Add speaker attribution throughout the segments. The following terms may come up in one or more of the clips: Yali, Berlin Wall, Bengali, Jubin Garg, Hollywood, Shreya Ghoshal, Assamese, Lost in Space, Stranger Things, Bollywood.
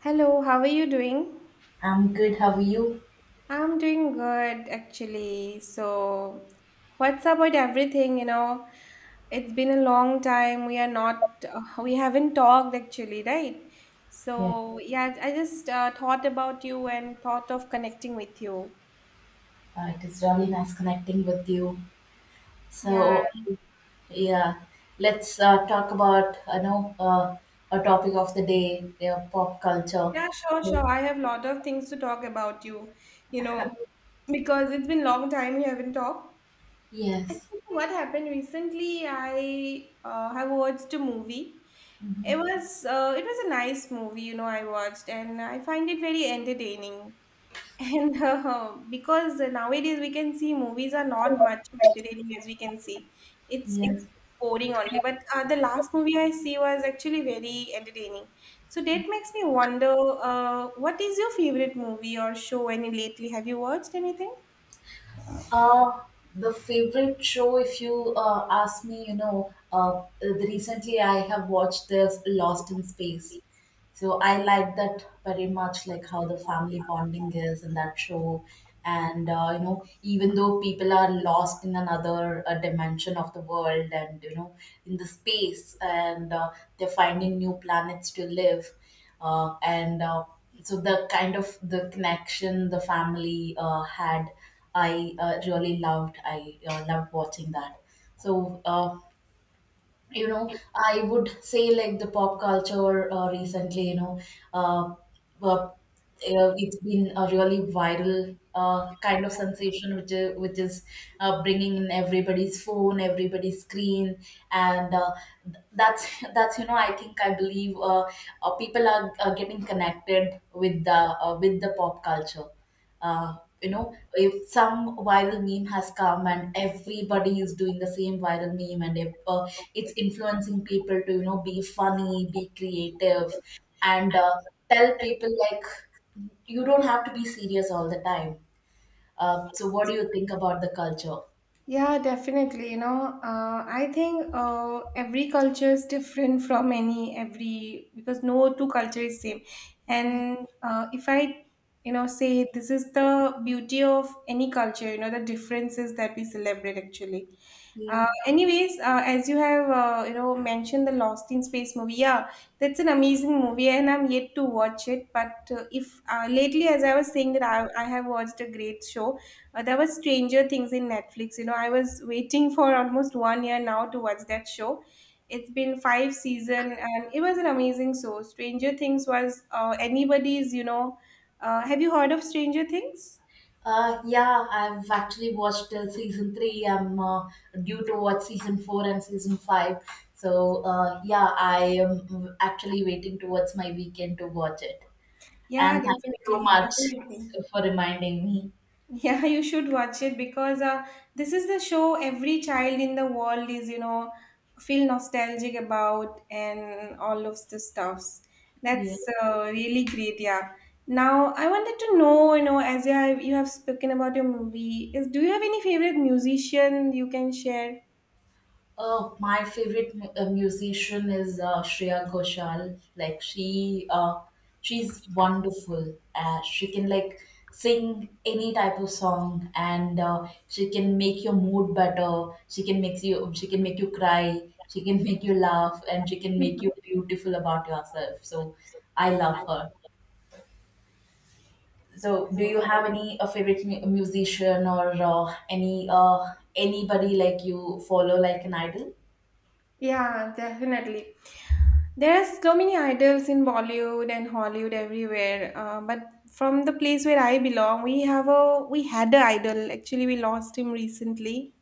Speaker 1: Hello, how are you doing?
Speaker 2: I'm good. How are you?
Speaker 1: I'm doing good actually. So, what's about everything, you know? It's been a long time. We are not, we haven't talked actually, right?
Speaker 2: Yeah,
Speaker 1: So, yeah, I just thought about you and thought of connecting with you.
Speaker 2: it is really nice connecting with you.
Speaker 1: Yeah,
Speaker 2: So, yeah, let's uh, talk about a topic of the day, yeah, pop culture.
Speaker 1: yeah, sure, sure. I have a lot of things to talk about you, because it's been long time we haven't talked.
Speaker 2: Yes.
Speaker 1: Actually, what happened recently, I have watched a movie. It
Speaker 2: Hmm.
Speaker 1: was uh, it was a nice movie. I watched, and I find it very entertaining. And because nowadays we can see movies are not much entertaining as we can see, it's
Speaker 2: Yes.
Speaker 1: boring only. But the last movie I see was actually very entertaining. So that makes me wonder, what is your favorite movie or show? Any lately? Have you watched anything?
Speaker 2: Uh, the favorite show, if you ask me, you know, recently I have watched this Lost in Space. So I like that very much, like how the family bonding is in that show. And even though people are lost in another dimension of the world and, you know, in the space and they're finding new planets to live. And so the kind of the connection the family had, I really loved. I loved watching that. So I would say like the pop culture recently, uh, uh, it's been a really viral kind of sensation, which is bringing in everybody's phone, everybody's screen, and that's I think I believe people are getting connected with the pop culture uh, you know, if some viral meme has come and everybody is doing the same viral meme, and if it's influencing people to, you know, be funny, be creative, and tell people like you don't have to be serious all the time. So what do you think about the culture?
Speaker 1: Yeah, definitely. You know, I think every culture is different from any every because no two culture is same. And if I say this is the beauty of any culture, you know, the differences that we celebrate actually. Uh,
Speaker 2: Yeah.
Speaker 1: anyways, uh, as you have mentioned the Lost in Space movie, yeah, that's an amazing movie, and I'm yet to watch it. But if lately, as I was saying that I have watched a great show, there was Stranger Things in Netflix. You know, I was waiting for almost one year now to watch that show. It's been five season, and it was an amazing show. Stranger Things was anybody's. Have you heard of Stranger Things?
Speaker 2: Yeah, I've actually watched till season three. I'm due to watch season four and season five. So, yeah, I am actually waiting towards my weekend to watch it.
Speaker 1: Yeah,
Speaker 2: And thank you so
Speaker 1: definitely,
Speaker 2: much
Speaker 1: definitely.
Speaker 2: for reminding me.
Speaker 1: Yeah, you should watch it because this is the show every child in the world is, feel nostalgic about and all of the stuffs.
Speaker 2: Yeah.
Speaker 1: That's really great. Yeah. Now I wanted to know, as you have spoken about your movie, is do you have any favorite musician you can share?
Speaker 2: Oh, my favorite musician is Shreya Ghoshal. She's wonderful. She can like sing any type of song, and she can make your mood better. She can make you cry. She can make you laugh, and she can make you beautiful about yourself. So, I love her. So, do you have any favorite mu- musician or any anybody like you follow like an idol?
Speaker 1: Yeah, definitely. There are so many idols in Bollywood and Hollywood everywhere. But from the place where I belong, we have a we had an idol. Actually, we lost him recently.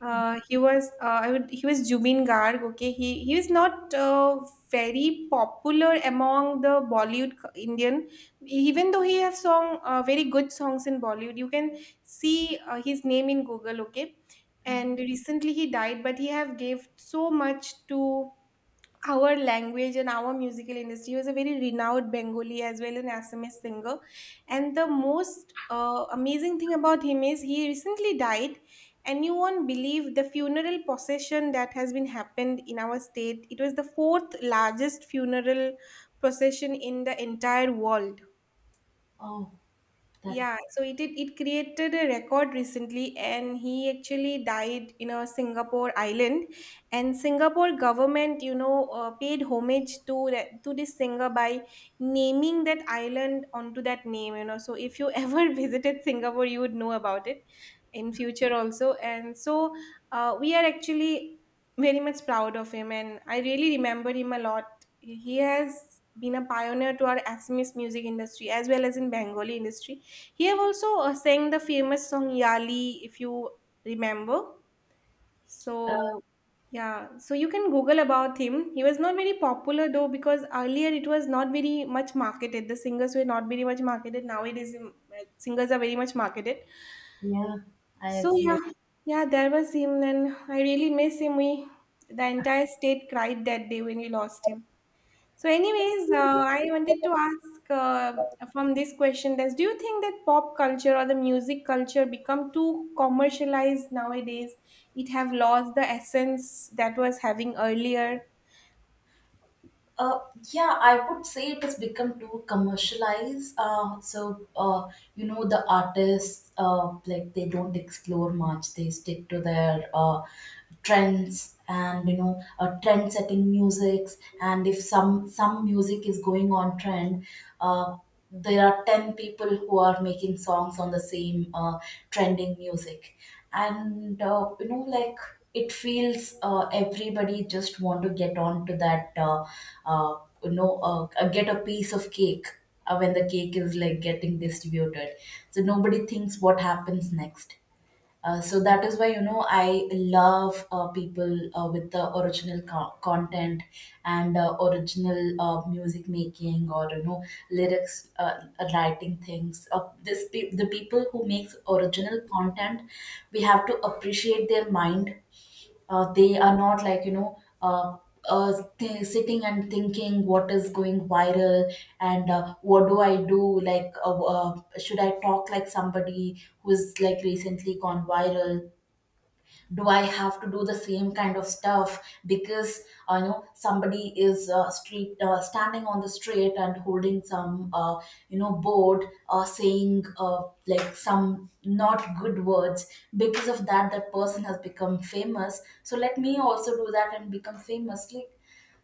Speaker 1: He was Jubin Garg. Okay, he was not very popular among the Bollywood Indian, even though he has song very good songs in Bollywood. You can see his name in Google. Okay, and recently he died, but he have gave so much to our language and our musical industry. He was a very renowned Bengali as well an Assamese singer, and the most amazing thing about him is he recently died, and you won't believe the funeral procession that has been happened in our state. It was the fourth largest funeral procession in the entire world.
Speaker 2: Oh, that.
Speaker 1: Yeah, so it did, it created a record recently, and he actually died in a Singapore island, and Singapore government, paid homage to this singer by naming that island onto that name. So if you ever visited Singapore, you would know about it in future also, and so we are actually very much proud of him, and I really remember him a lot. He has been a pioneer to our Assamese music industry as well as in Bengali industry. He have also sang the famous song Yali, if you remember. So, yeah, so you can Google about him. He was not very popular though because earlier it was not very much marketed. The singers were not very much marketed. Nowadays, singers are very much marketed.
Speaker 2: Yeah, I
Speaker 1: So yeah,
Speaker 2: absolutely.
Speaker 1: yeah, there was him, and I really miss him. We the entire state cried that day when we lost him. So, anyways, I wanted to ask from this question: Does do you think that pop culture or the music culture become too commercialized nowadays? It have lost the essence that was having earlier.
Speaker 2: Uh, yeah, I would say it has become too commercialized. So, you know, the artists like they don't explore much. They stick to their trends and, you know, trend-setting musics. And if some music is going on trend, uh, there are 10 people who are making songs on the same trending music. And it feels everybody just want to get on to that uh, get a piece of cake when the cake is like getting distributed, so nobody thinks what happens next. So that is why, you know, I love people with the original content, and original music making, or you know, lyrics writing things. The people who makes original content, we have to appreciate their mind. They are not, like, you know, sitting and thinking what is going viral, and what do I do, like should I talk like somebody who's like recently gone viral? Do I have to do the same kind of stuff because, you know, somebody is street standing on the street and holding some board saying, some not good words, because of that, that person has become famous, so let me also do that and become famous. Like,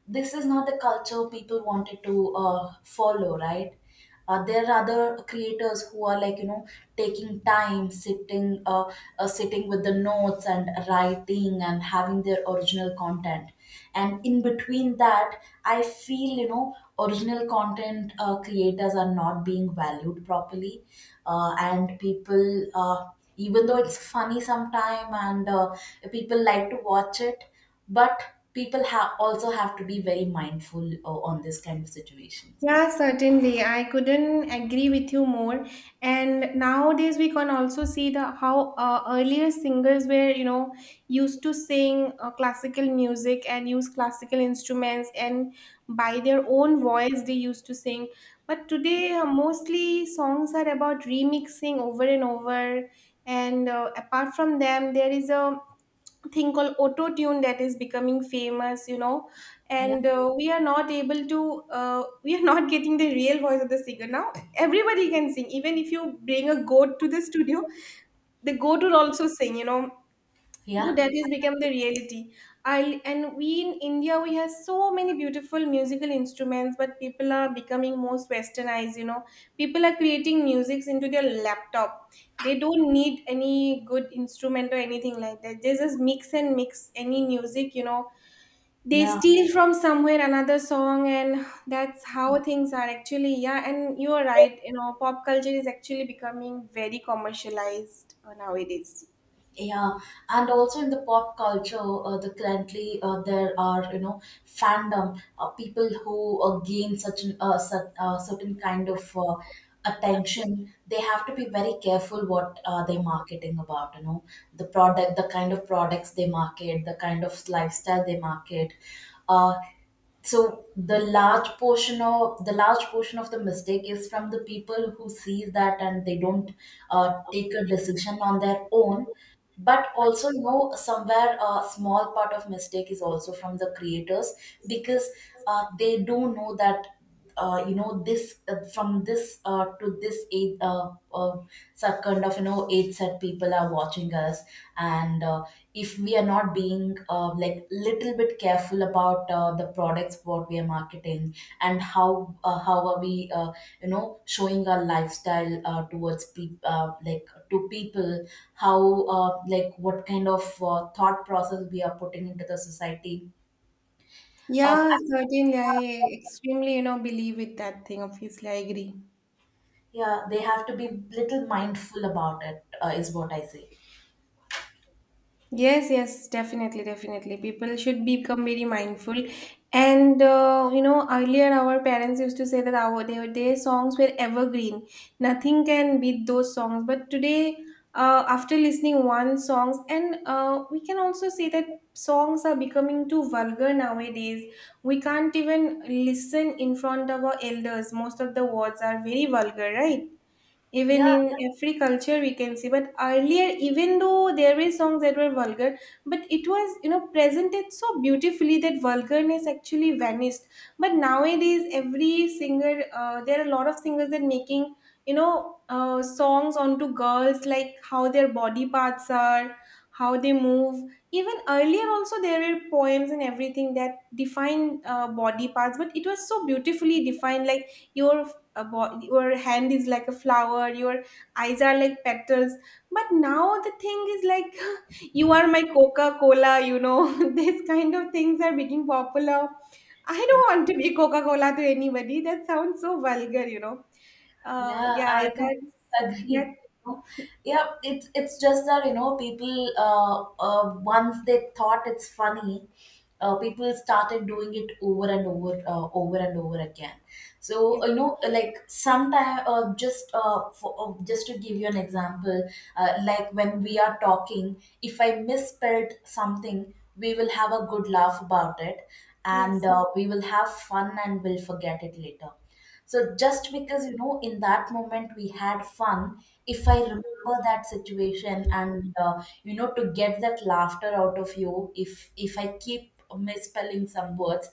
Speaker 2: this is not the culture people wanted to follow, right? There are other creators who are, like, you know, taking time, sitting, sitting with the notes and writing and having their original content. And in between that, I feel, you know, original content creators are not being valued properly, and people. Even though it's funny sometime and people like to watch it, but people have also have to be very mindful on this kind of situations.
Speaker 1: Yeah, certainly. I couldn't agree with you more. And nowadays we can also see the how earlier singers were, used to sing classical music and use classical instruments and by their own voice they used to sing. But today mostly songs are about remixing over and over. And apart from them, there is a thing called auto tune that is becoming famous.
Speaker 2: Yeah,
Speaker 1: And we are not able to we are not getting the real voice of the singer. Now everybody can sing, even if you bring a goat to the studio. The goat will also sing. So
Speaker 2: yeah,
Speaker 1: that has become the reality. And we in India we have so many beautiful musical instruments, but people are becoming most westernized. People are creating musics into their laptop. They don't need any good instrument or anything like that. They just mix and mix any music. They
Speaker 2: yeah,
Speaker 1: steal from somewhere another song, and that's how things are actually. Yeah, and you are right, pop culture is actually becoming very commercialized nowadays.
Speaker 2: yeah. And also in the pop culture, the currently there are, you know, fandom people who gain such certain kind of attention. They have to be very careful what they're marketing about. You know, the product, the kind of products they market, the kind of lifestyle they market. Uh, so the large portion of the mistake is from the people who see that, and they don't take a decision on their own. But also, you know, somewhere a small part of mistake is also from the creators, because they do know that, you know, this from this to this age, some kind of, you know, it's that people are watching us, and if we are not being, like, little bit careful about the products what we are marketing, and how are we you know showing our lifestyle towards people like to people, how like what kind of thought process we are putting into the society. uh,
Speaker 1: Yeah,
Speaker 2: I-
Speaker 1: certainly, I extremely believe with that thing. Obviously, I agree.
Speaker 2: yeah, they have to be little mindful about it, is what I say.
Speaker 1: Yes, yes, definitely, definitely. People should become very mindful. And earlier our parents used to say that their songs were evergreen. Nothing can beat those songs. But today, after listening one songs, and we can also say that songs are becoming too vulgar nowadays. We can't even listen in front of our elders. Most of the words are very vulgar, right? Even
Speaker 2: Yeah.
Speaker 1: in every culture we can see, but earlier, even though there were songs that were vulgar, but it was presented so beautifully that vulgarness actually vanished. But nowadays every singer, there are a lot of singers that making songs onto girls, like how their body parts are, how they move. Even earlier also there were poems and everything that define body parts, but it was so beautifully defined, like your your hand is like a flower, your eyes are like petals. But now the thing is like you are my coca cola, these kind of things are becoming popular. I don't want to be coca cola to anybody. That sounds so vulgar.
Speaker 2: Yeah,
Speaker 1: Yeah,
Speaker 2: I
Speaker 1: that's
Speaker 2: completely agree.
Speaker 1: that.
Speaker 2: You know? Yeah, it's just that, you know, people once they thought it's funny, people started doing it over and over, over and over again.
Speaker 1: Yeah.
Speaker 2: So, you know, like sometime, just to give you an example, like when we are talking, if I misspelled something, we will have a good laugh about it, and
Speaker 1: Yes.
Speaker 2: uh, we will have fun and we'll forget it later. So just because, you know, in that moment we had fun, if I remember that situation and you know, to get that laughter out of you, if I keep misspelling some words,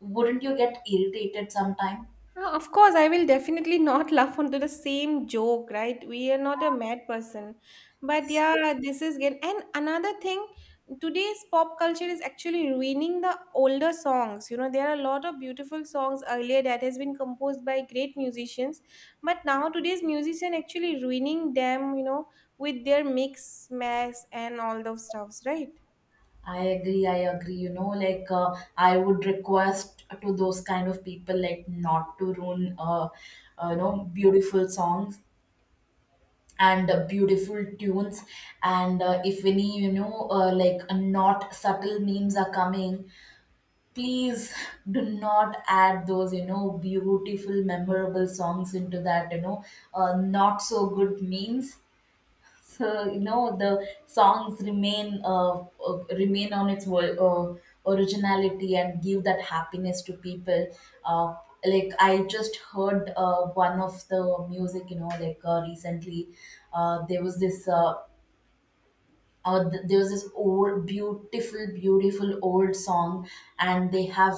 Speaker 2: wouldn't you get irritated sometime?
Speaker 1: Of course, I will definitely not laugh onto the same joke, right? We are not a mad person. But yeah, this is good. And another thing, today's pop culture is actually ruining the older songs. There are a lot of beautiful songs earlier that has been composed by great musicians, but now today's musician actually ruining them, with their mix, mess, and all those stuffs, right?
Speaker 2: I agree, I agree. You know, I would request to those kind of people, like, not to ruin you know, beautiful songs, and beautiful tunes. And if any, you know, not subtle memes are coming, please do not add those, you know, beautiful memorable songs into that, you know, not so good memes, so you know the songs remain, remain on its originality and give that happiness to people. Uh, I just heard one of the music, you know, recently uh, there was this uh, there was this old, beautiful, beautiful old song, and they have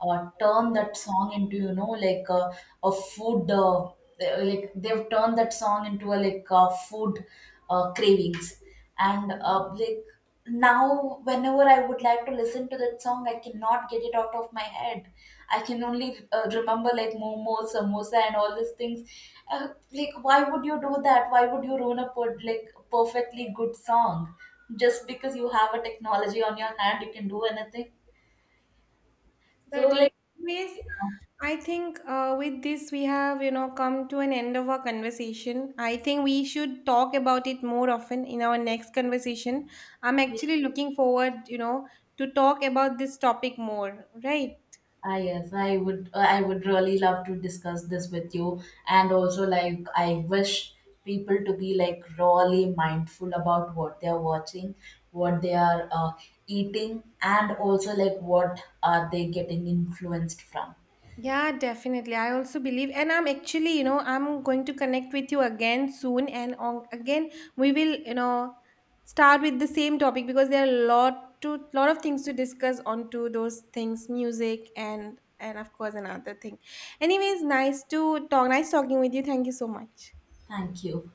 Speaker 2: turned that song into, you know, like a food, like they've turned that song into a like food cravings, and like, now whenever I would like to listen to that song, I cannot get it out of my head. I can only remember like momo, samosa, and all these things. Like, why would you do that? Why would you ruin a like, perfectly good song? Just because you have a technology on your hand, you can do anything. so
Speaker 1: Certain
Speaker 2: like
Speaker 1: ways.
Speaker 2: yeah,
Speaker 1: I think with this we have come to an end of our conversation. I think we should talk about it more often in our next conversation. I'm actually looking forward to talk about this topic more, right?
Speaker 2: Ah, yes, I would. I would really love to discuss this with you, and also, like, I wish people to be like really mindful about what they are watching, what they are eating, and also like what are they getting influenced from.
Speaker 1: Yeah, definitely. I also believe, and I'm actually, I'm going to connect with you again soon, and on, again we will, start with the same topic because there are a lot of things to discuss onto those things, music and of course another thing. Anyways, nice to talk. Nice talking with you. Thank you so much.
Speaker 2: Thank you.